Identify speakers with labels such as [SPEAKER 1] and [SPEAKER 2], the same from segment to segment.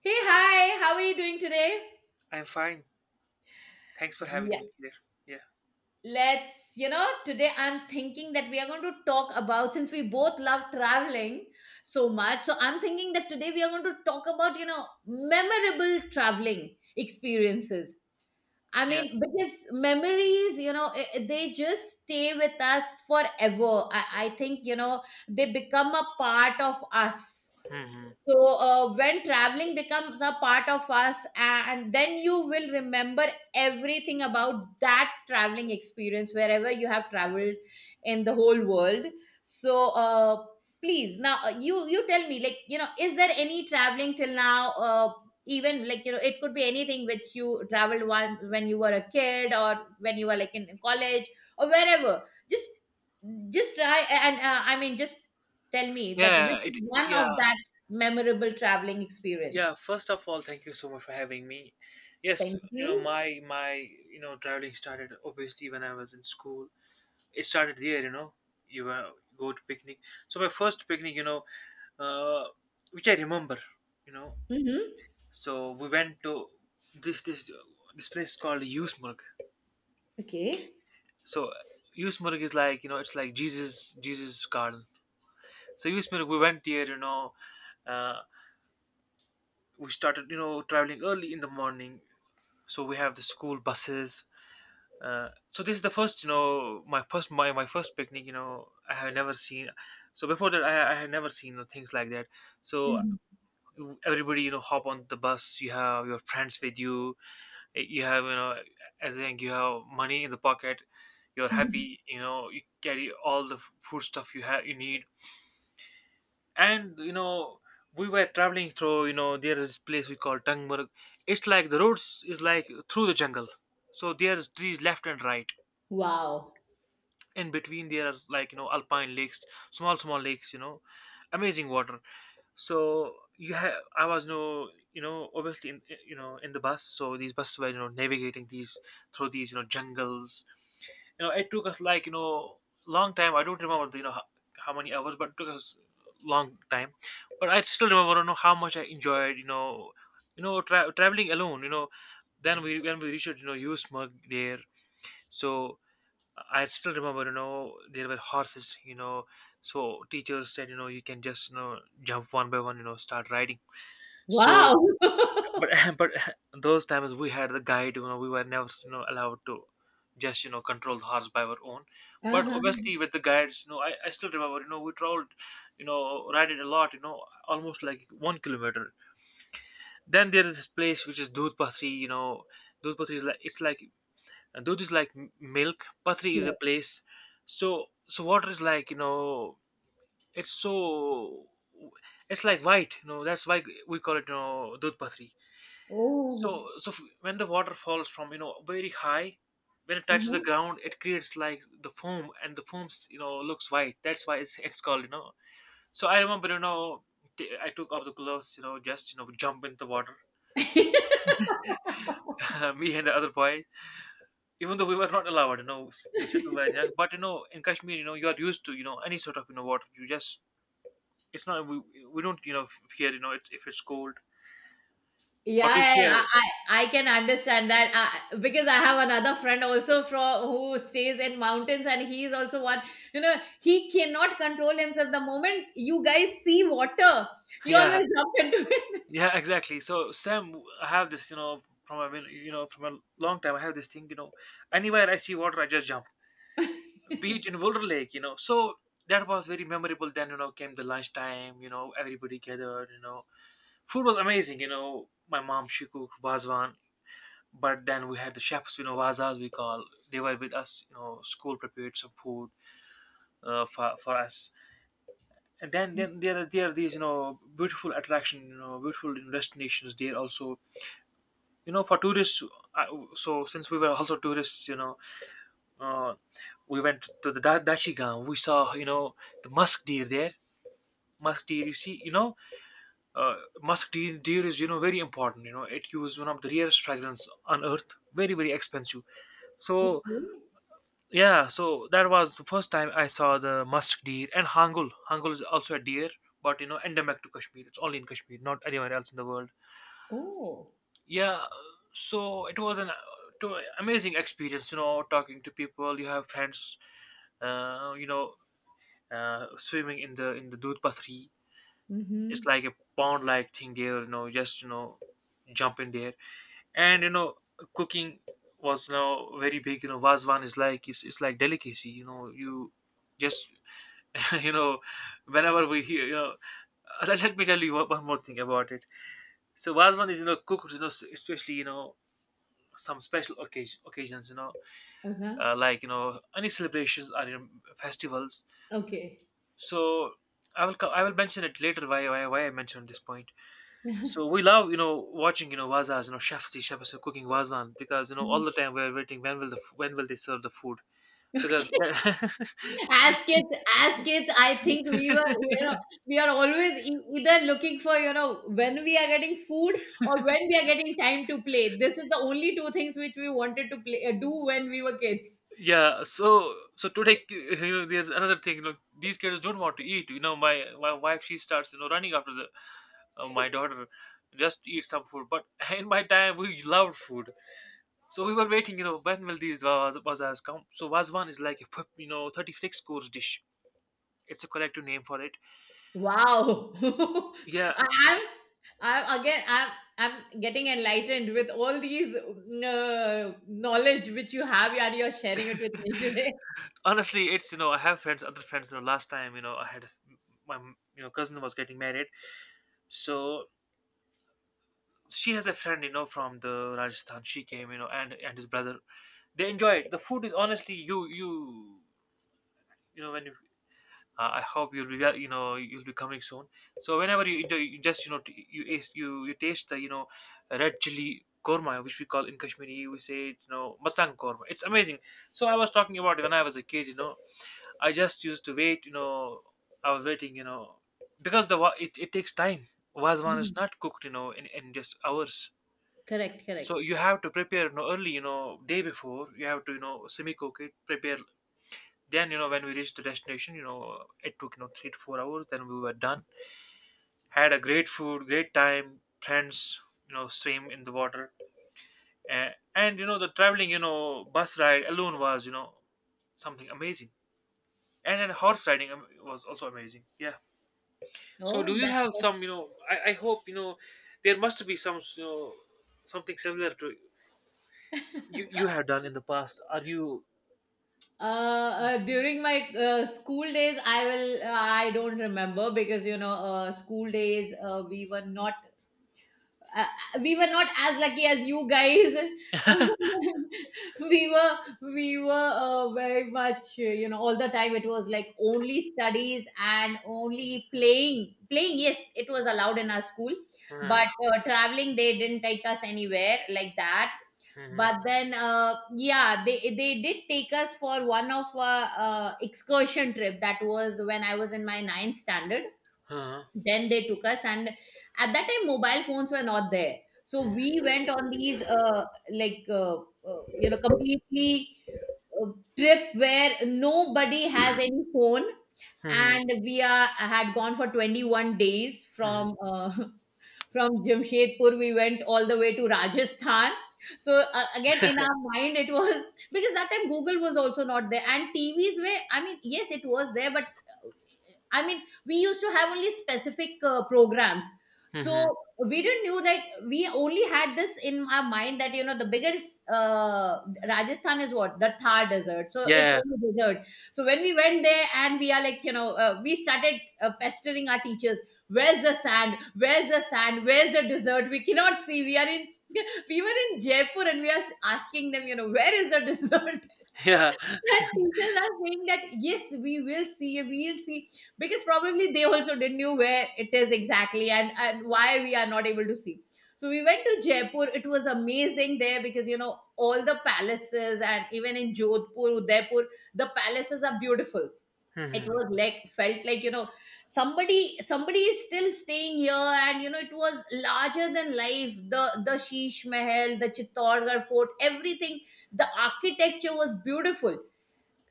[SPEAKER 1] Hey, hi, how are you doing today?
[SPEAKER 2] I'm fine. Thanks for having
[SPEAKER 1] Yeah.
[SPEAKER 2] me here. Yeah.
[SPEAKER 1] Let's, today I'm thinking that we are going to talk about, since we both love traveling so much, so I'm thinking that today we are going to talk about, you know, memorable traveling experiences. I
[SPEAKER 2] Yeah.
[SPEAKER 1] mean, because memories, you know, they just stay with us forever. I think, you know, they become a part of us.
[SPEAKER 2] hmm
[SPEAKER 1] So when traveling becomes a part of us and then you will remember everything about that traveling experience wherever you have traveled in the whole world. So please now you tell me, like, you know, is there any traveling till now, even, like, you know, it could be anything which you traveled one when you were a kid or when you were like in college or wherever. just just try and I mean, just tell me that
[SPEAKER 2] Yeah,
[SPEAKER 1] which is one
[SPEAKER 2] yeah,
[SPEAKER 1] of that memorable traveling
[SPEAKER 2] yeah.
[SPEAKER 1] experience.
[SPEAKER 2] First of all, thank you so much for having me. Yes,
[SPEAKER 1] Thank
[SPEAKER 2] you know,
[SPEAKER 1] you.
[SPEAKER 2] my you know, traveling started obviously when I was in school. It started there, you know. You go to picnic. So my first picnic, you know, uh, which I remember, you know.
[SPEAKER 1] Mm-hmm.
[SPEAKER 2] So we went to this this place called Yusmurg.
[SPEAKER 1] Okay.
[SPEAKER 2] So Yusmurg is like you know, it's like Jesus garden. So Yusmurg, we went there, you know. uh, we started you know traveling early in the morning, so we have the school buses. So this is the first you know my first my first picnic, you know, I have never seen. So before that I had never seen you know things like that. So
[SPEAKER 1] Mhm.
[SPEAKER 2] everybody you know hop on the bus, you have your friends with you. You have you know as in you have money in the pocket, you're happy, you know you carry all the food stuff you have you need. And you know we were traveling through, you know there is this place we call Tangmurg. It's like the roads is like through the jungle, so there's trees left and right.
[SPEAKER 1] Wow.
[SPEAKER 2] In between there are like you know alpine lakes, small lakes. You know, amazing water. So you have I was no you know obviously in you know in the bus. So these buses were you know navigating these through these you know jungles. You know it took us like you know long time. I don't remember you know how many hours, but it took us long time. But I still remember you know how much I enjoyed you know traveling alone, you know. Then we when we reached you know Usemarg there. So I still remember you know there were horses, you know. So teachers said you know you can just you know jump one by one, you know start riding. So
[SPEAKER 1] Wow.
[SPEAKER 2] but
[SPEAKER 1] Uh-huh.
[SPEAKER 2] but those times we had the guide, you know we were never you know allowed to just you know control the horse by our own. But obviously with the guides, you know I still remember you know we traveled you know riding a lot, you know almost like 1 kilometer. Then there is this place which is doodh pathri, you know. Doodh pathri is like it's like doodh is like milk, pathri is a
[SPEAKER 1] Correct.
[SPEAKER 2] place. So so water is like you know it's so it's like white you know that's why we call it you know doodh pathri.
[SPEAKER 1] Oh.
[SPEAKER 2] So so, when the water falls from you know very high, when it touches the
[SPEAKER 1] Uh-huh.
[SPEAKER 2] ground, it creates like the foam, and the foams you know looks white. That's why it's called, you know. So I remember you know I took off the gloves, you know just you know jump in the water, me and the other boys. Even though we were not allowed, you know, we still were young. But you know, in Kashmir, you know, you are used to you know any sort of you know water. You just it's not we don't you know fear, you know, it if it's cold, but
[SPEAKER 1] Yeah,
[SPEAKER 2] we
[SPEAKER 1] yeah, yeah,
[SPEAKER 2] fear.
[SPEAKER 1] I can understand that. I, because I have another friend also from who stays in mountains, and he is also one, you know, he cannot control himself the moment you guys see water. You
[SPEAKER 2] Yeah.
[SPEAKER 1] always jump into it.
[SPEAKER 2] Yeah, exactly. So Sam, I have this, you know, from I mean, you know, from a long time, I have this thing, you know, anywhere I see water, I just jump. Be it in Boulder Lake, you know. So that was very memorable. Then you know, came the lunchtime, you know, everybody gathered, you know, food was amazing, you know. My mom she cooked vazwan, but then we had the chefs, you know, vazas we call. They were with us, you know. School prepared some food for us, and then then there are these, you know, beautiful attraction, you know, beautiful destinations there also you know for tourists. I, so since we were also tourists, you know, uh, we went to the dachigam, we saw you know the musk deer there. Musk deer you see you know, uh, musk deer, deer is you know very important, you know it was one of the rarest fragrance on earth, very very expensive. So
[SPEAKER 1] Okay.
[SPEAKER 2] yeah, so that was the first time I saw the musk deer. And hangul is also a deer, but you know endemic to Kashmir, it's only in Kashmir, not anywhere else in the world.
[SPEAKER 1] Oh.
[SPEAKER 2] Yeah. So it was an amazing experience, you know talking to people, you have friends, you know, swimming in the Dudh Pathri. It's
[SPEAKER 1] Mm-hmm.
[SPEAKER 2] like a pond like thing there, you know just you know jump in there. And you know cooking was you know very big, you know vazwan is like it's like delicacy, you know. You just you know whenever we hear, you know, let me tell you one more thing about it. So vazwan is you know cooked, you know especially you know some special occasions you know,
[SPEAKER 1] Uh-huh.
[SPEAKER 2] like you know any celebrations or, you know, festivals.
[SPEAKER 1] Okay.
[SPEAKER 2] So I will I will mention it later why I mentioned this point. So we love you know watching you know wazas, you know chefs, the chefs are cooking wazwan because you know all the time we're waiting when will the when will they serve the food because
[SPEAKER 1] As kids, as kids, I think we were, you know, we are always either looking for, you know, when we are getting food or when we are getting time to play. This is the only two things which we wanted to play, do when we were kids.
[SPEAKER 2] yeah. So so today you know there's another thing, you know these kids don't want to eat, you know my wife she starts you know running after the my daughter, just eat some food. But in my time we loved food. So we were waiting, you know, when will these bazaars come? So Vazwan is like a you know, 36 course dish. It's a collective name for it.
[SPEAKER 1] Wow.
[SPEAKER 2] Yeah,
[SPEAKER 1] I, i'm I'm again, I'm getting enlightened with all these knowledge which you have, and you're sharing it with me today.
[SPEAKER 2] honestly, it's, you know, I have friends, other friends, you know, last time, you know, I had, a s my, you know, cousin was getting married. So she has a friend, you know, from the Rajasthan. She came, you know, and his brother. They enjoy it. The food is honestly, you know, when you... I hope you'll be well, you know you'll be coming soon. So whenever you you just you know you you you taste the you know red chili korma, which we call in Kashmiri, we say it, you know masang korma. It's amazing. So I was talking about it when I was a kid. You know, I just used to wait. You know, I was waiting. You know, because the it it takes time. Vazwan is not cooked. You know, in just hours. So
[SPEAKER 1] Correct.
[SPEAKER 2] you have to prepare you know, early, you know, day before. You have to you know semi cook it, prepare then, you know, when we reached the destination, you know, it took, you know, 3 to 4 hours. Then we were done. Had a great food, great time, friends, you know, swim in the water. And, you know, the traveling, you know, bus ride alone was, you know, something amazing. And then horse riding was also amazing. Yeah. So do
[SPEAKER 1] Oh,
[SPEAKER 2] you have
[SPEAKER 1] that.
[SPEAKER 2] some, you know, I hope, you know, there must be some, you know, something similar to you, you have done in the past. Are you...
[SPEAKER 1] During my school days, I will. I don't remember, because you know, school days, we were not, we were not as lucky as you guys. We were, we were very much, you know, all the time it was like only studies and only playing. Playing, yes, it was allowed in our school,
[SPEAKER 2] Mhm,
[SPEAKER 1] but traveling, they didn't take us anywhere like that.
[SPEAKER 2] mhm,
[SPEAKER 1] But then, yeah, they did take us for one of excursion trip. That was when I was in my ninth standard.
[SPEAKER 2] mhm,
[SPEAKER 1] Then they took us, and at that time mobile phones were not there. So we went on these, like, you know, completely uh, trip where nobody has any phone,
[SPEAKER 2] mhm, mhm,
[SPEAKER 1] and we are had gone for 21 days
[SPEAKER 2] mhm,
[SPEAKER 1] from Jamshedpur. We went all the way to Rajasthan. So again, in our mind, it was, because that time Google was also not there, and TVs were. I mean, yes, it was there, but I mean, we used to have only specific programs.
[SPEAKER 2] mhm.
[SPEAKER 1] So we didn't knew that. We only had this in our mind that you know the biggest Rajasthan is what? The Thar desert. So it's
[SPEAKER 2] Yeah,
[SPEAKER 1] only desert. So when we went there, and we are like, you know, we started, pestering our teachers. Where's the sand? Where's the sand? Where's the desert? We cannot see. We are in. We were in Jaipur, and we are asking them, you know, where is the desert?
[SPEAKER 2] yeah.
[SPEAKER 1] That teachers are saying that yes, we will see, we will see, because probably they also didn't knew where it is exactly, and why we are not able to see. So we went to Jaipur. It was amazing there, because you know all the palaces, and even in Jodhpur, Udaipur, the palaces are beautiful. It
[SPEAKER 2] Mhm,
[SPEAKER 1] was like, felt like, you know, somebody is still staying here. And you know, it was larger than life, the Sheesh Mahal, the Chittorgarh Fort, everything. The architecture was beautiful.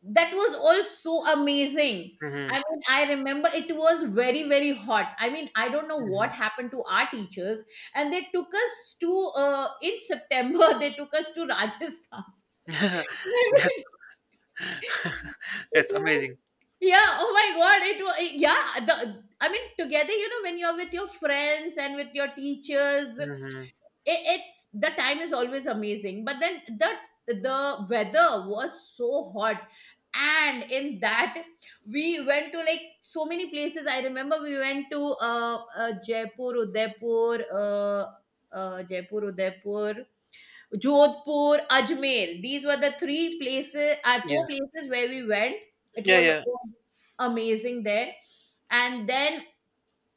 [SPEAKER 1] That was all so amazing. I
[SPEAKER 2] mhm,
[SPEAKER 1] mean, I remember it was very, very hot. I mean, I don't know
[SPEAKER 2] mhm.
[SPEAKER 1] what happened to our teachers, and they took us to in September. They took us to Rajasthan.
[SPEAKER 2] That's that's amazing.
[SPEAKER 1] Yeah. Oh my God. It was, yeah. The I mean, together, you know, when you're with your friends and with your teachers,
[SPEAKER 2] Mhm.
[SPEAKER 1] it's, the time is always amazing, but then the weather was so hot. And in that we went to like so many places. I remember we went to Jaipur, Udaipur, Jaipur, Udaipur, Jodhpur, Ajmer. These were the three places, four
[SPEAKER 2] Yeah.
[SPEAKER 1] places where we went. It
[SPEAKER 2] Yeah,
[SPEAKER 1] was
[SPEAKER 2] yeah.
[SPEAKER 1] amazing there. And then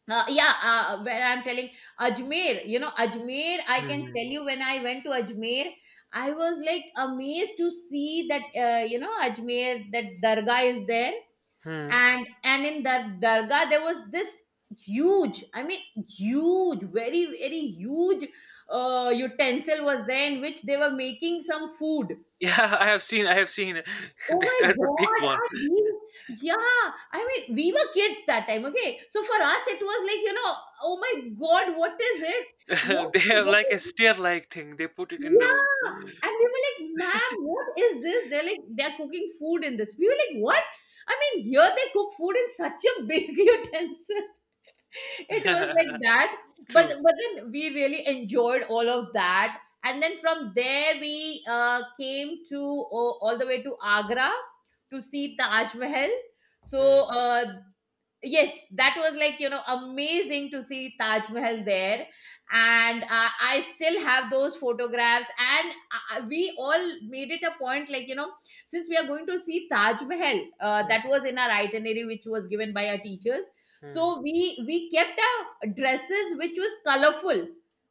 [SPEAKER 1] yeah, when I'm telling Ajmer, you know, Ajmer, I can
[SPEAKER 2] Mhm,
[SPEAKER 1] tell you, when I went to Ajmer, I was like amazed to see that, you know, Ajmer, that Dargah is there.
[SPEAKER 2] mhm.
[SPEAKER 1] And in that Dargah, there was this huge, I mean, huge, very, very huge utensil was there in which they were making some food.
[SPEAKER 2] Yeah, I have seen it.
[SPEAKER 1] Oh
[SPEAKER 2] That
[SPEAKER 1] my
[SPEAKER 2] that's the big
[SPEAKER 1] God,
[SPEAKER 2] one.
[SPEAKER 1] I mean, yeah. I mean, we were kids that time, okay? So for us, it was like, you know, oh my God, what is it?
[SPEAKER 2] They have
[SPEAKER 1] What
[SPEAKER 2] like a
[SPEAKER 1] is it?
[SPEAKER 2] stair-like thing. They put it in the
[SPEAKER 1] Yeah. And we were like, ma'am, what is this? They're like, they're cooking food in this. We were like, what? I mean, here they cook food in such a big utensil. It was like that. but
[SPEAKER 2] true.
[SPEAKER 1] but then we really enjoyed all of that. And then from there we came to all the way to Agra to see Taj Mahal. So
[SPEAKER 2] Mhm,
[SPEAKER 1] uh, yes, that was like, you know, amazing to see Taj Mahal there. And I still have those photographs. And we all made it a point, like, you know, since we are going to see Taj Mahal, that was in our itinerary which was given by our teachers. So
[SPEAKER 2] mhm.
[SPEAKER 1] we kept our dresses which was colorful,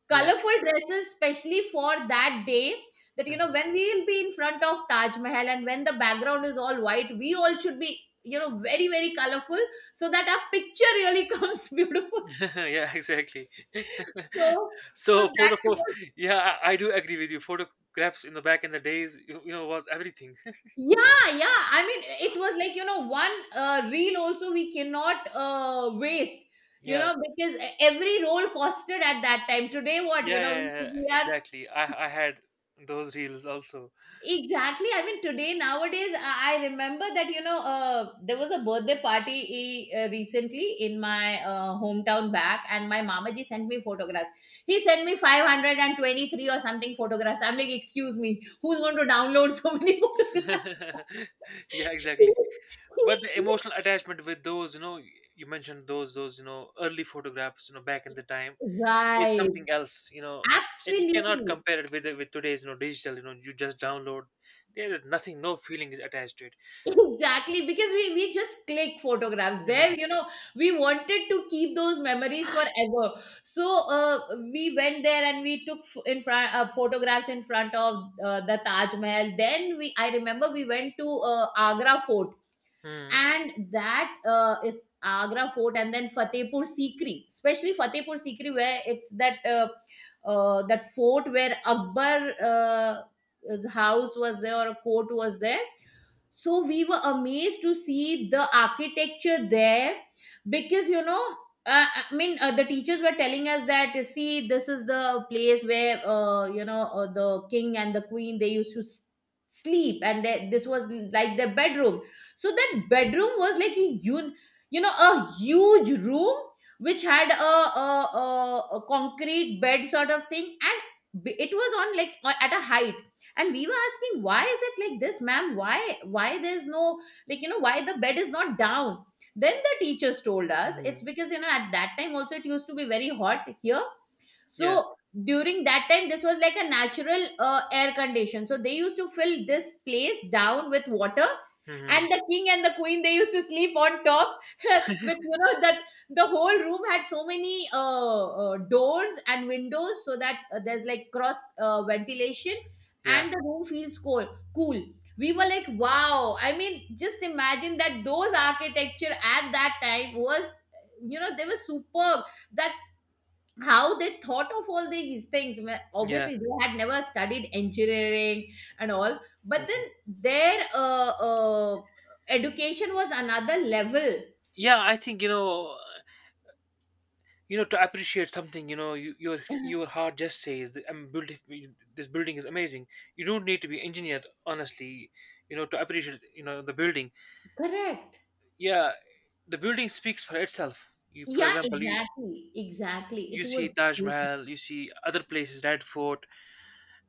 [SPEAKER 2] Yeah.
[SPEAKER 1] colorful dresses, especially for that day, that you know
[SPEAKER 2] Mhm.
[SPEAKER 1] when we will be in front of Taj Mahal, and when the background is all white, we all should be, you know, very, very colorful, so that our picture really comes beautiful.
[SPEAKER 2] Yeah, exactly.
[SPEAKER 1] So so
[SPEAKER 2] So
[SPEAKER 1] that
[SPEAKER 2] photo
[SPEAKER 1] was.
[SPEAKER 2] yeah, I do agree with you. Photographs in the back in the days, you know, was everything.
[SPEAKER 1] Yeah, yeah, I mean, it was like, you know, one reel also we cannot waste, you
[SPEAKER 2] Yeah.
[SPEAKER 1] know, because every roll costed at that time. Today, what, you
[SPEAKER 2] Yeah,
[SPEAKER 1] know,
[SPEAKER 2] yeah, yeah,
[SPEAKER 1] we are.
[SPEAKER 2] exactly. I had those reels also.
[SPEAKER 1] Exactly. I mean, today, nowadays, I remember that, you know, there was a birthday party, recently in my hometown back, and my Mamaji sent me photographs. He sent me 523 or something photographs. I'm like, excuse me, who's going to download so many photographs?
[SPEAKER 2] Yeah, exactly. But the emotional attachment with those, you know, you mentioned those you know, early photographs, you know, back in the time is
[SPEAKER 1] Right.
[SPEAKER 2] something else, you know. And you cannot
[SPEAKER 1] Absolutely.
[SPEAKER 2] compare it with today's, you know, digital, you know, you just download. There is nothing, no feeling is attached to it.
[SPEAKER 1] Exactly, because we just click photographs there,
[SPEAKER 2] Mm-hmm.
[SPEAKER 1] you know, we wanted to keep those memories forever. So we went there, and we took in front photographs in front of the Taj Mahal. Then we, I remember we went to Agra Fort,
[SPEAKER 2] Mm-hmm.
[SPEAKER 1] and that is Agra Fort, and then Fatehpur Sikri, especially Fatehpur Sikri, where it's that that fort where Akbar his house was there, or a court was there. So we were amazed to see the architecture there, because you know, I mean, the teachers were telling us that see, this is the place where you know, the king and the queen, they used to sleep, and they, this was like their bedroom. So that bedroom was like a you know, a huge room, which had a concrete bed sort of thing, and it was on like, at a height. And we were asking, why is it like this, ma'am? Why there's no, like, you know, why the bed is not down? Then the teachers told us,
[SPEAKER 2] mm-hmm,
[SPEAKER 1] it's because you know at that time also it used to be very hot here.
[SPEAKER 2] yeah.
[SPEAKER 1] So during that time, this was like a natural air condition. So they used to fill this place down with water,
[SPEAKER 2] Mm-hmm.
[SPEAKER 1] and the king and the queen, they used to sleep on top. With, you know, that the whole room had so many doors and windows, so that there's like cross ventilation,
[SPEAKER 2] Yeah.
[SPEAKER 1] and the room feels cool. Cool. We were like, wow. I mean, just imagine that those architecture at that time was, you know, they were superb, that how they thought of all these things.
[SPEAKER 2] Yeah.
[SPEAKER 1] Obviously they had never studied engineering and all, but then
[SPEAKER 2] hmm
[SPEAKER 1] their education was another level.
[SPEAKER 2] Yeah, I think you know, you know to appreciate something, you know your heart just says that I'm built this building is amazing. You don't need to be engineered honestly, you know, to appreciate you know the building.
[SPEAKER 1] correct
[SPEAKER 2] Yeah, the building speaks for itself. You, for
[SPEAKER 1] Yeah,
[SPEAKER 2] example, you
[SPEAKER 1] exactly, exactly.
[SPEAKER 2] you
[SPEAKER 1] It
[SPEAKER 2] see
[SPEAKER 1] was
[SPEAKER 2] Taj
[SPEAKER 1] beautiful.
[SPEAKER 2] Mahal, you see other places, Red Fort,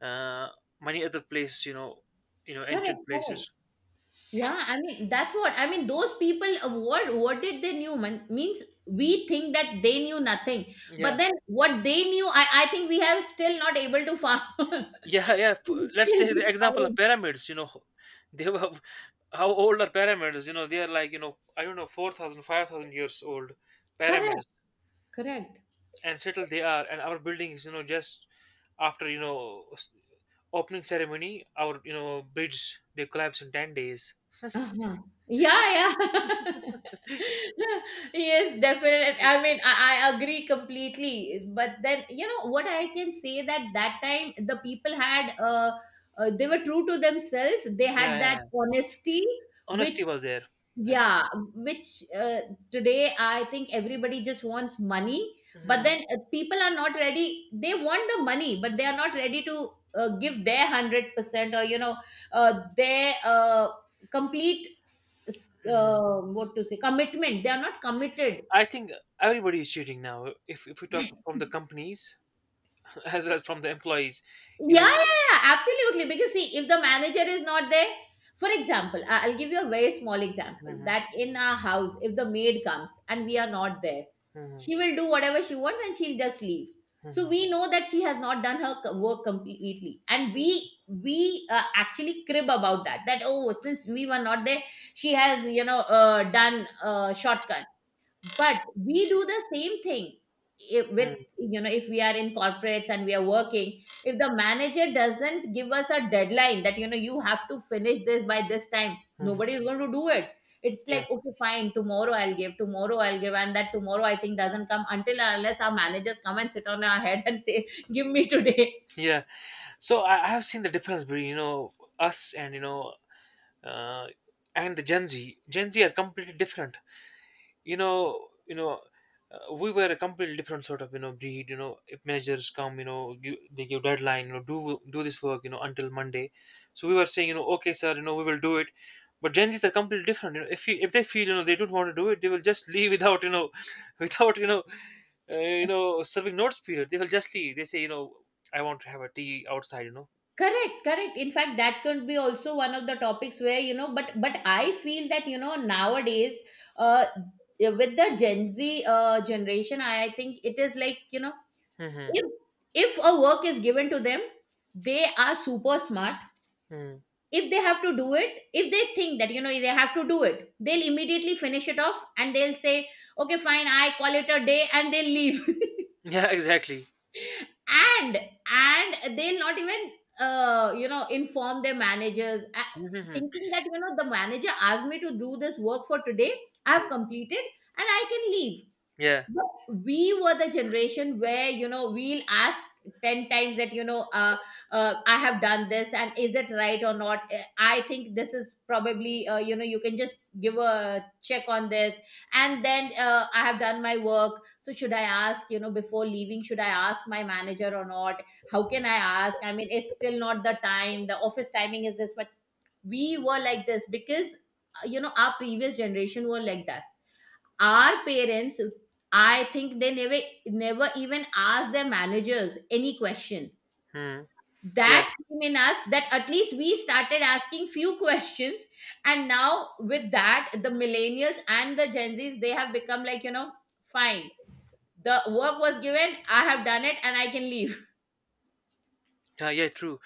[SPEAKER 2] uh many other places, you know, you know ancient
[SPEAKER 1] Correct.
[SPEAKER 2] places.
[SPEAKER 1] Yeah, I mean, that's what I mean, those people, what did they knew, man? Means we think that they knew nothing, but
[SPEAKER 2] Yeah.
[SPEAKER 1] then what they knew, I think we have still not able to find.
[SPEAKER 2] Yeah, yeah. Let's
[SPEAKER 1] Still
[SPEAKER 2] take the example of
[SPEAKER 1] discovering.
[SPEAKER 2] pyramids. They were how old are pyramids? You know, they are like I don't know 4,000, 5,000 years old
[SPEAKER 1] correct
[SPEAKER 2] pyramids,
[SPEAKER 1] Correct.
[SPEAKER 2] and still they are. And our buildings, you know, just after opening ceremony, our you know bridge they collapse in 10 days.
[SPEAKER 1] Uh-huh. Yeah, yeah. Yes, definitely. I mean, I agree completely. But then, you know, what I can say that that time the people had, they were true to themselves. They
[SPEAKER 2] Yeah,
[SPEAKER 1] had
[SPEAKER 2] yeah,
[SPEAKER 1] that
[SPEAKER 2] yeah.
[SPEAKER 1] honesty, which
[SPEAKER 2] Honesty was there. Exactly.
[SPEAKER 1] yeah, which today I think everybody just wants money, but
[SPEAKER 2] Mhm,
[SPEAKER 1] then people are not ready. They want the money, but they are not ready to give their 100% or, you know, their complete,
[SPEAKER 2] mhm.
[SPEAKER 1] what to say, commitment. They are not committed.
[SPEAKER 2] I think everybody is cheating now. If we talk from the companies as well as from the employees, you
[SPEAKER 1] Yeah,
[SPEAKER 2] know.
[SPEAKER 1] yeah, yeah, absolutely. Because see, if the manager is not there, for example, I'll give you a very small example
[SPEAKER 2] Mhm,
[SPEAKER 1] that in our house, if the maid comes and we are not there,
[SPEAKER 2] mhm,
[SPEAKER 1] she will do whatever she wants and she'll just leave. So
[SPEAKER 2] mhm.
[SPEAKER 1] we know that she has not done her work completely, and we actually crib about that. That oh, since we were not there, she has you know done shortcut. But we do the same thing if, with
[SPEAKER 2] Mm,
[SPEAKER 1] you know if we are in corporates and we are working, if the manager doesn't give us a deadline that you know you have to finish this by this time,
[SPEAKER 2] mhm.
[SPEAKER 1] nobody is going to do it. It's like
[SPEAKER 2] Yeah,
[SPEAKER 1] okay fine, tomorrow I'll give, tomorrow I'll give, and that tomorrow I think doesn't come until and unless our managers come and sit on our head and say give me today.
[SPEAKER 2] yeah. So I have seen the difference between us and uh, and the Gen Z. Gen Z are completely different. you know you know we were a completely different sort of breed. If managers come, give, they give deadline, do this work, until Monday. So we were saying, okay sir, we will do it. But Gen Z's are completely different. If they feel, they don't want to do it, they will just leave without without uh, serving notice period. They will just leave. They say, I want to have a tea outside.
[SPEAKER 1] Correct, correct. In fact, that could be also one of the topics where you know, but I feel that you know nowadays uh with the Gen Z generation, I think it is like you know,
[SPEAKER 2] Hmm.
[SPEAKER 1] if if a work is given to them, they are super smart.
[SPEAKER 2] Hmm.
[SPEAKER 1] If they have to do it, if they think that you know they have to do it, they'll immediately finish it off and they'll say okay fine, I call it a day, and they'll leave.
[SPEAKER 2] Yeah, exactly.
[SPEAKER 1] and and they'll not even you know inform their managers,
[SPEAKER 2] Hmm.
[SPEAKER 1] thinking that you know the manager asked me to do this work for today, I have completed and I can leave.
[SPEAKER 2] Yeah.
[SPEAKER 1] But we were the generation where you know we'll ask 10 times that you know I have done this and is it right or not. I think this is probably you know you can just give a check on this, and then I have done my work, so should I ask you know before leaving, should I ask my manager or not, how can I ask, I mean it's still not the time, the office timing is this, but we were like this because you know our previous generation were like that, our parents. I think they never, never even asked their managers any question.
[SPEAKER 2] Hmm. Yeah,
[SPEAKER 1] That came in us that at least we started asking few questions, and now with that the millennials and the Gen Z's, they have become like you know fine, the work was given, I have done it and I can leave.
[SPEAKER 2] yeah, yeah, true.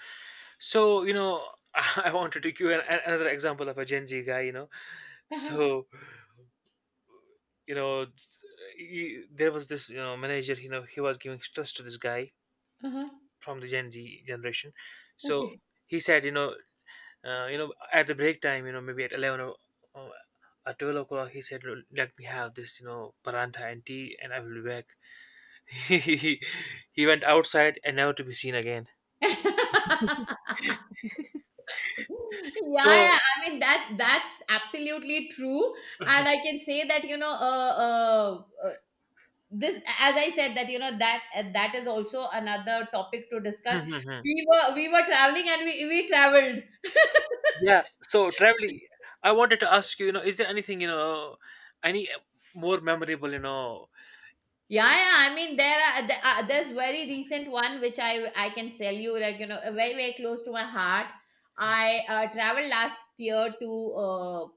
[SPEAKER 2] So, you know, I want to take you another example of a Gen Z guy, you know.
[SPEAKER 1] Uh-huh,
[SPEAKER 2] So, you know, s- he, there was this, you know, manager, you know, he was giving stress to this guy
[SPEAKER 1] uh-huh,
[SPEAKER 2] from the Gen Z generation. So
[SPEAKER 1] okay.
[SPEAKER 2] he said, you know, at the break time, you know, maybe at 11 or at 12 o'clock. He said, "Look, let me have this, you know, paranta and tea and I will be back." he he went outside and never to be seen again.
[SPEAKER 1] Yeah, yeah,
[SPEAKER 2] So,
[SPEAKER 1] I mean that's absolutely true, and I can say that you know, this as I said that you know that that is also another topic to discuss. We were we were traveling and we traveled.
[SPEAKER 2] yeah, so traveling, I wanted to ask you, you know, is there anything, you know, any more memorable, you know?
[SPEAKER 1] Yeah, yeah. I mean, there's very recent one which I can tell you, like you know, very very close to my heart. I traveled last year to uh,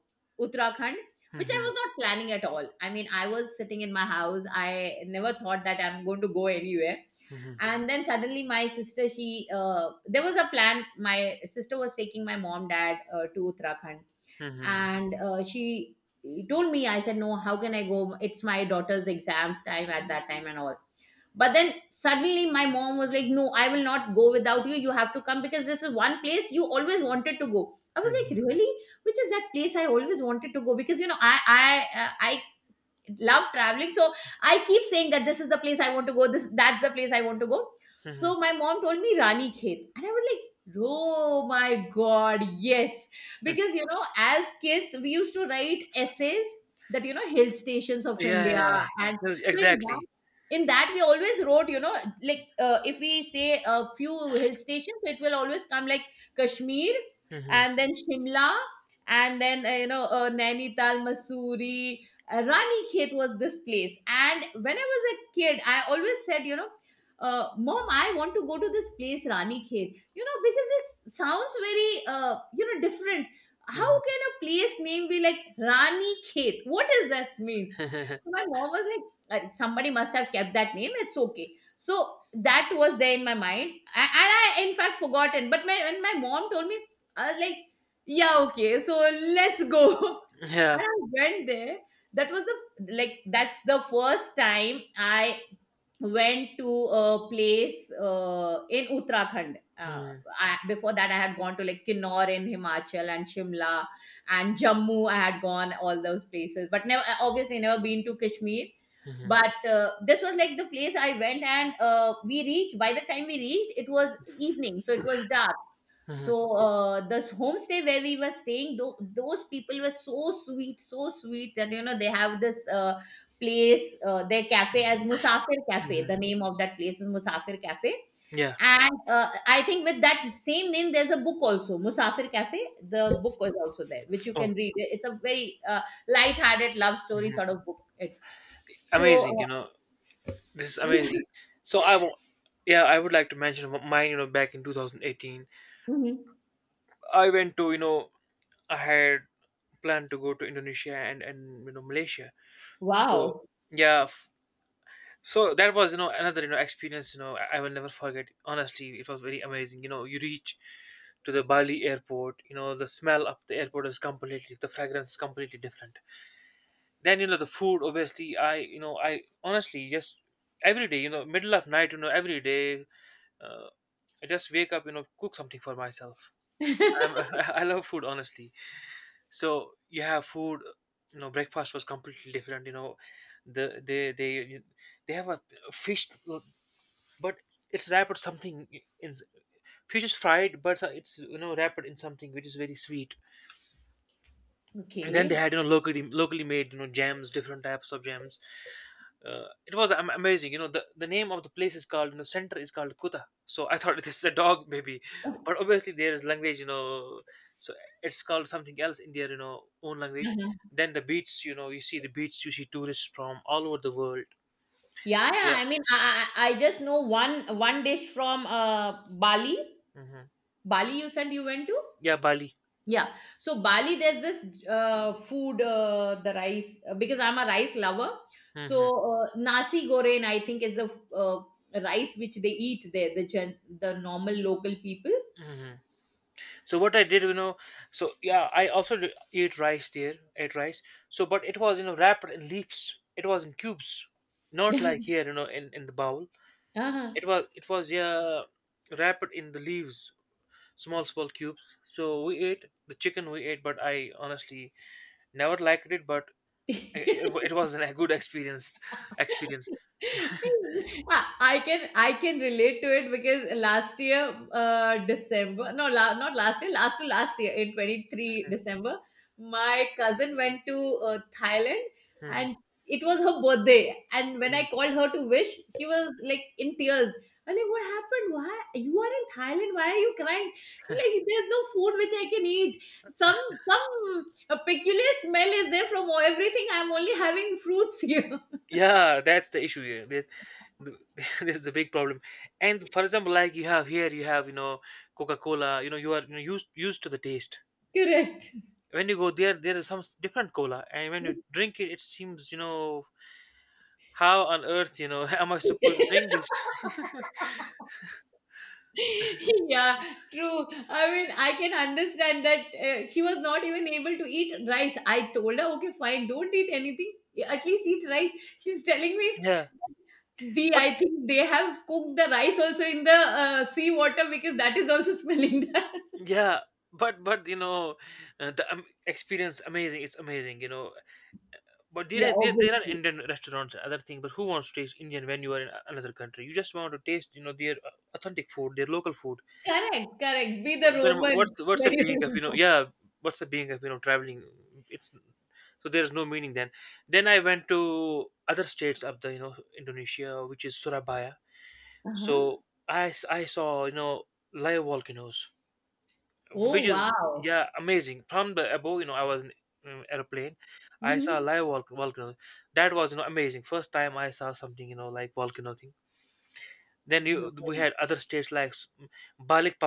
[SPEAKER 1] Uttarakhand, which I
[SPEAKER 2] Mhm,
[SPEAKER 1] was not planning at all. I mean, I was sitting in my house. I never thought that I'm going to go anywhere.
[SPEAKER 2] mhm,
[SPEAKER 1] And then suddenly, my sister, she there was a plan. My sister was taking my mom dad to Uttarakhand,
[SPEAKER 2] mhm,
[SPEAKER 1] and she told me. I said no, how can I go, it's my daughter's exams time at that time and all. But then suddenly my mom was like no, I will not go without you, you have to come because this is one place you always wanted to go. I was like
[SPEAKER 2] mhm,
[SPEAKER 1] really, which is that place I always wanted to go? Because you know I love traveling, so I keep saying that this is the place I want to go this, that's the place I want to go.
[SPEAKER 2] mhm,
[SPEAKER 1] So my mom told me Rani Khet and I was like oh my god yes,
[SPEAKER 2] mhm.
[SPEAKER 1] because you know as kids we used to write essays that you know hill stations of
[SPEAKER 2] Yeah,
[SPEAKER 1] India.
[SPEAKER 2] yeah, yeah.
[SPEAKER 1] And
[SPEAKER 2] Well,
[SPEAKER 1] so in that
[SPEAKER 2] exactly.
[SPEAKER 1] in that we always wrote you know like if we say a few hill stations it will always come like Kashmir,
[SPEAKER 2] Mhm,
[SPEAKER 1] and then Shimla, and then Nainital, Mussoorie, Rani Khet was this place. And when I was a kid, I always said, you know, mom, I want to go to this place, Rani Khet. You know, because this sounds very, you know, different. How
[SPEAKER 2] mhm.
[SPEAKER 1] can a place name be like Rani Khet? What does that mean? So my mom was like, somebody must have kept that name. It's okay. So that was there in my mind, and I in fact forgotten. But my when my mom told me, I was like, yeah, okay, so let's go. And
[SPEAKER 2] Yeah.
[SPEAKER 1] I went there. That was the like that's the first time I went to a place in Uttarakhand.
[SPEAKER 2] Mhm,
[SPEAKER 1] I, before that, I had gone to like Kinnaur in Himachal and Shimla and Jammu. I had gone all those places, but never obviously never been to Kashmir.
[SPEAKER 2] mhm,
[SPEAKER 1] But this was like the place I went, and we reached. By the time we reached, it was evening, so it was dark,
[SPEAKER 2] mhm,
[SPEAKER 1] so this homestay where we were staying, those people were so sweet that you know they have this place, their cafe as Musafir Cafe. The
[SPEAKER 2] mhm.
[SPEAKER 1] name of that place is Musafir Cafe.
[SPEAKER 2] Yeah.
[SPEAKER 1] And I think with that same name, there's a book also, Musafir Cafe. The book is also there, which you can
[SPEAKER 2] Oh,
[SPEAKER 1] read. It's a very light-hearted love story
[SPEAKER 2] mhm.
[SPEAKER 1] sort of book. It's so
[SPEAKER 2] Amazing, you know, this is
[SPEAKER 1] yeah.
[SPEAKER 2] amazing. So I will, yeah, I would like to mention mine, you know, back in 2018.
[SPEAKER 1] Mhm.
[SPEAKER 2] I went to, you know, I had planned to go to Indonesia and, you know, Malaysia. So
[SPEAKER 1] Wow.
[SPEAKER 2] yeah, so that was another experience I will never forget. Honestly, it was very amazing. You know, you reach to the Bali airport. You know, the smell of the airport is completely the fragrance is completely different. Then you know the food. Obviously, I you know I honestly just every day, middle of night, every day, uh, I just wake up, cook something for myself. I'm, I love food honestly. So you have food. You know, breakfast was completely different. You know, they they have a fish, but it's wrapped with something in. Fish is fried, but it's, you know, wrapped in something which is very sweet. And then they
[SPEAKER 1] Okay.
[SPEAKER 2] had, you know, locally made, you know, jams, different types of jams. It was amazing. You know, the name of the place is called, you know, center is called Kuta. So I thought this is a dog, maybe. But obviously, there is language, you know, so it's called something else in their, you know, own language. Then the beach, you know, you see the beach, you see tourists from all over the world.
[SPEAKER 1] Yeah, yeah.
[SPEAKER 2] Yeah.
[SPEAKER 1] I mean, I just know one dish from Bali.
[SPEAKER 2] Hmm.
[SPEAKER 1] Bali, you said you went to?
[SPEAKER 2] Yeah, Bali.
[SPEAKER 1] Yeah. So Bali, there's this food, the rice, because I'm a rice lover.
[SPEAKER 2] Hmm.
[SPEAKER 1] So nasi goreng, I think, is the uh, rice which they eat there, the normal local people.
[SPEAKER 2] Hmm. So what I did, you know, so yeah, I also ate rice there, ate rice. So, but it was, you know, wrapped in leaves. It was in cubes, not like here, you know, in the bowl.
[SPEAKER 1] Uh-huh.
[SPEAKER 2] It was yeah, wrapped in the leaves, small cubes. So we ate the chicken we ate, but I honestly never liked it. But it was a good experience. Experience.
[SPEAKER 1] I can relate to it because last year December, not last year, last to last year, in 23 December my cousin went to Thailand.
[SPEAKER 2] Mhm,
[SPEAKER 1] And it was her birthday, and when I
[SPEAKER 2] mhm.
[SPEAKER 1] called her to wish, she was like in tears. I'm like what happened, why you are in Thailand, why are you crying? She's like there's no food which I can eat. Some some A peculiar smell is there from everything, I'm only having fruits here.
[SPEAKER 2] Yeah, that's the issue here. The, this is the big problem. And for example, like you have here, you have you know Coca Cola. You know you are you know, used to the taste.
[SPEAKER 1] Correct.
[SPEAKER 2] When you go there, there is some different cola, and when you drink it, it seems you know how on earth you know am I supposed to drink this?
[SPEAKER 1] Yeah, true. I mean, I can understand that she was not even able to eat rice. I told her, okay, fine, don't eat anything. Yeah, at least eat rice. She's telling me,
[SPEAKER 2] Yeah,
[SPEAKER 1] the
[SPEAKER 2] but
[SPEAKER 1] I think they have cooked the rice also in the sea water because that is also smelling that.
[SPEAKER 2] yeah, but you know, the experience amazing. It's amazing, you know. But
[SPEAKER 1] Yeah,
[SPEAKER 2] there are
[SPEAKER 1] obviously.
[SPEAKER 2] Indian restaurants, other thing. But who wants to taste Indian when you are in another country? You just want to taste, you know, their authentic food, their local food.
[SPEAKER 1] Correct, correct. Be the
[SPEAKER 2] Then
[SPEAKER 1] Roman.
[SPEAKER 2] what's the
[SPEAKER 1] Very
[SPEAKER 2] being of you know?
[SPEAKER 1] Roman.
[SPEAKER 2] Yeah, what's the being of you know traveling? It's so there's no meaning then. Then I went to other states of the you know Indonesia, which is Surabaya.
[SPEAKER 1] Uh-huh.
[SPEAKER 2] So I saw, you know, live volcanoes,
[SPEAKER 1] Oh,
[SPEAKER 2] which is,
[SPEAKER 1] wow.
[SPEAKER 2] yeah, amazing. From the above, you know, I was in airplane. I saw
[SPEAKER 1] Mm-hmm.
[SPEAKER 2] a live volcano. That was, you know, amazing. First time I saw something, you know, like volcano thing. Then you we
[SPEAKER 1] Roman.
[SPEAKER 2] had other states like Balik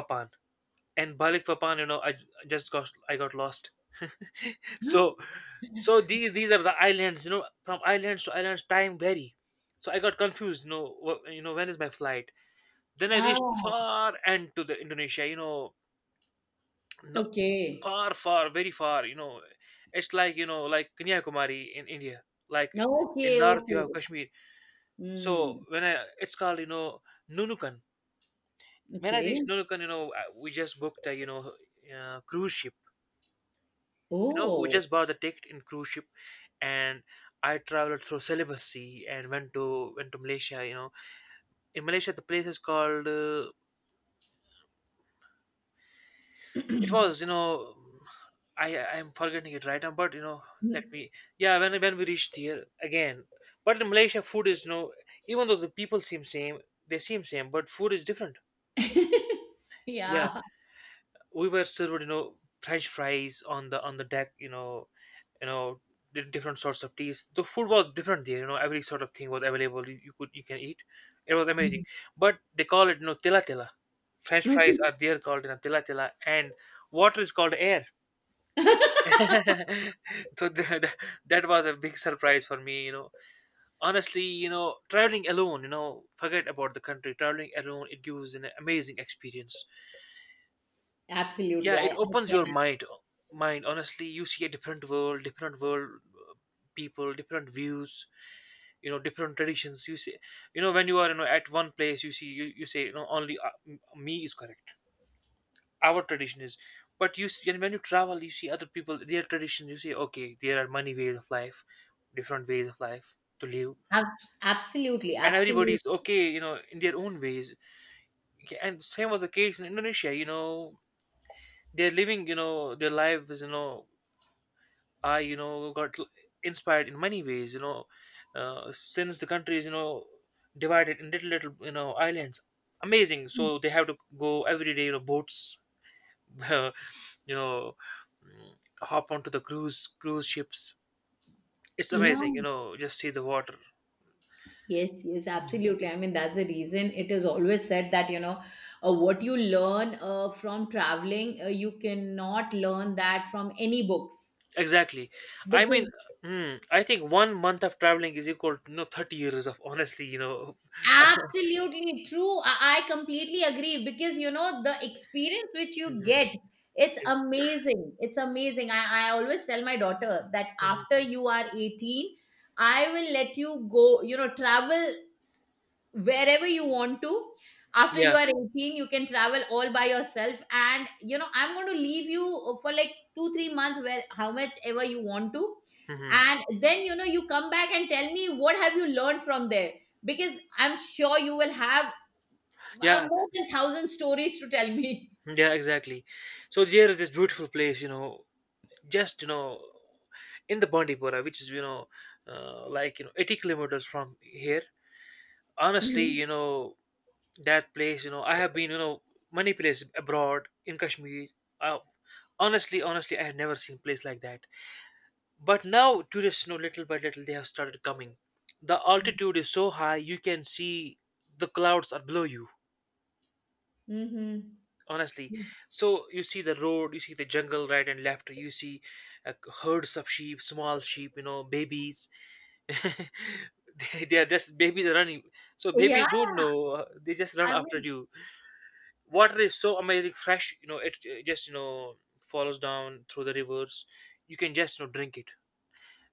[SPEAKER 2] and Balik Papan. You know, I got lost.
[SPEAKER 1] Huh?
[SPEAKER 2] So these are the islands. You know, from islands to islands time vary. So I got confused, you know, you know, when is my flight. Then I reached
[SPEAKER 1] Ah,
[SPEAKER 2] far end to the Indonesia, you know. No,
[SPEAKER 1] okay.
[SPEAKER 2] far, far, very far. You know, it's like you know, like Kanyakumari in India. Like in
[SPEAKER 1] Okay,
[SPEAKER 2] North, you
[SPEAKER 1] okay.
[SPEAKER 2] have Kashmir. So
[SPEAKER 1] Mm,
[SPEAKER 2] when I, it's called you know Nunukan. When I
[SPEAKER 1] okay.
[SPEAKER 2] reached Nunukan, you know, we just booked a you know cruise ship. You know, we
[SPEAKER 1] Oh.
[SPEAKER 2] just bought the ticket in cruise ship, and I traveled through Celebes Sea and went to Malaysia. You know, in Malaysia, the place is called it was, you know, I I'm forgetting it right now, but you know, let me. Yeah, when we reached here again, but in Malaysia, food is you know, even though the people seem same, they seem same, but food is different. Yeah,
[SPEAKER 1] Yeah.
[SPEAKER 2] we were served, you know, French fries on the deck. You know, you know, the different sorts of teas. The food was different there. You know, every sort of thing was available. You can eat. It was amazing. But they call it, you know, tela tela. French
[SPEAKER 1] Okay.
[SPEAKER 2] fries are there called, you know, tela tela, and water is called air. So that was a big surprise for me, you know. Honestly, you know, traveling alone, you know, forget about the country, traveling alone, it gives an amazing experience.
[SPEAKER 1] Absolutely.
[SPEAKER 2] Yeah, it opens your
[SPEAKER 1] Can
[SPEAKER 2] mind. Mind, honestly, you see a different world, different world. People, different views, you know, different traditions you see. You know, when you are, you know, at one place, you see, you say, you know, only me is correct, our tradition is. But you see when you travel, you see other people, their tradition, you see, okay, there are many ways of life, different ways of life to live.
[SPEAKER 1] ab- absolutely,
[SPEAKER 2] And everybody
[SPEAKER 1] absolutely.
[SPEAKER 2] is okay, you know, in their own ways. Okay, and same was the case in Indonesia. You know, they're living, you know, their lives, you know. I got inspired in many ways, you know. Since the country is, you know, divided in little little, you know, islands. Amazing. So they have to go every day, you know, boats. You know, mm, hop onto the cruise ships. It's
[SPEAKER 1] Yeah,
[SPEAKER 2] amazing, you know, just see the water.
[SPEAKER 1] yes, yes,
[SPEAKER 2] Mhm.
[SPEAKER 1] absolutely. I mean, that's the reason it is always said that, you know, what you learn from traveling, you cannot learn that from any books
[SPEAKER 2] Exactly. I mean,
[SPEAKER 1] because
[SPEAKER 2] mm, I think one month of traveling is equal to you know 30 years of honestly you know.
[SPEAKER 1] absolutely true. I completely agree because you know the experience which you
[SPEAKER 2] Mhm.
[SPEAKER 1] get, it's
[SPEAKER 2] Is
[SPEAKER 1] amazing. It's amazing. I always tell my daughter that
[SPEAKER 2] mhm.
[SPEAKER 1] after you are 18, I will let you go, you know, travel wherever you want to. After you
[SPEAKER 2] Yeah.
[SPEAKER 1] are 18 you can travel all by yourself, and you know I'm going to leave you for like 2 3 months, where how much ever you want to.
[SPEAKER 2] Hmm.
[SPEAKER 1] And then you know you come back and tell me what have you learned from there, because I'm sure you will have
[SPEAKER 2] Yeah,
[SPEAKER 1] more than 1000 stories to tell me.
[SPEAKER 2] yeah, exactly. So there is this beautiful place, you know, just, you know, in the Bandipora, which is, you know, like, you know, 80 kilometers from here, honestly,
[SPEAKER 1] Mhm.
[SPEAKER 2] you know. That place, you know, I have been, you know, many places abroad in Kashmir. uh, honestly I have never seen place like that. But now tourists, you know, little by little, they have started coming. The altitude is so high, you can see the clouds are below you,
[SPEAKER 1] Mhm.
[SPEAKER 2] honestly. So you see the road, you see the jungle right and left, you see uh, herds of sheep, small sheep, you know, babies. They are just babies are running. So
[SPEAKER 1] Yeah,
[SPEAKER 2] babies don't know, they just run
[SPEAKER 1] I
[SPEAKER 2] after
[SPEAKER 1] mean,
[SPEAKER 2] you. Water is so amazing fresh, you know, it just, you know, follows down through the rivers. You can just, you know, drink it.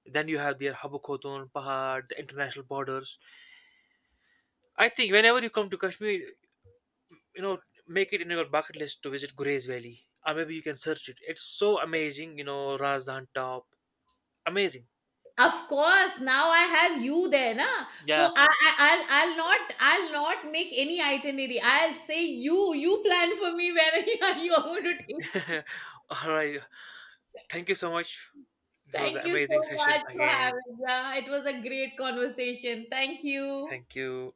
[SPEAKER 2] Then you have their Habakhotun, Pahad, the international borders. I think whenever you come to Kashmir, you know, make it in your bucket list to visit Gurez Valley. Or maybe you can search it. It's so amazing, you know, Razdan Top. Amazing.
[SPEAKER 1] of course, now I have you there, na?
[SPEAKER 2] Yeah.
[SPEAKER 1] So I'll not make any itinerary. I'll say you, you plan for me where you are going to take.
[SPEAKER 2] All right. Thank you so much. This was an
[SPEAKER 1] Thank you
[SPEAKER 2] amazing
[SPEAKER 1] so
[SPEAKER 2] session
[SPEAKER 1] much for having.
[SPEAKER 2] again.
[SPEAKER 1] Me. Yeah, it was a great conversation. Thank you.
[SPEAKER 2] Thank you.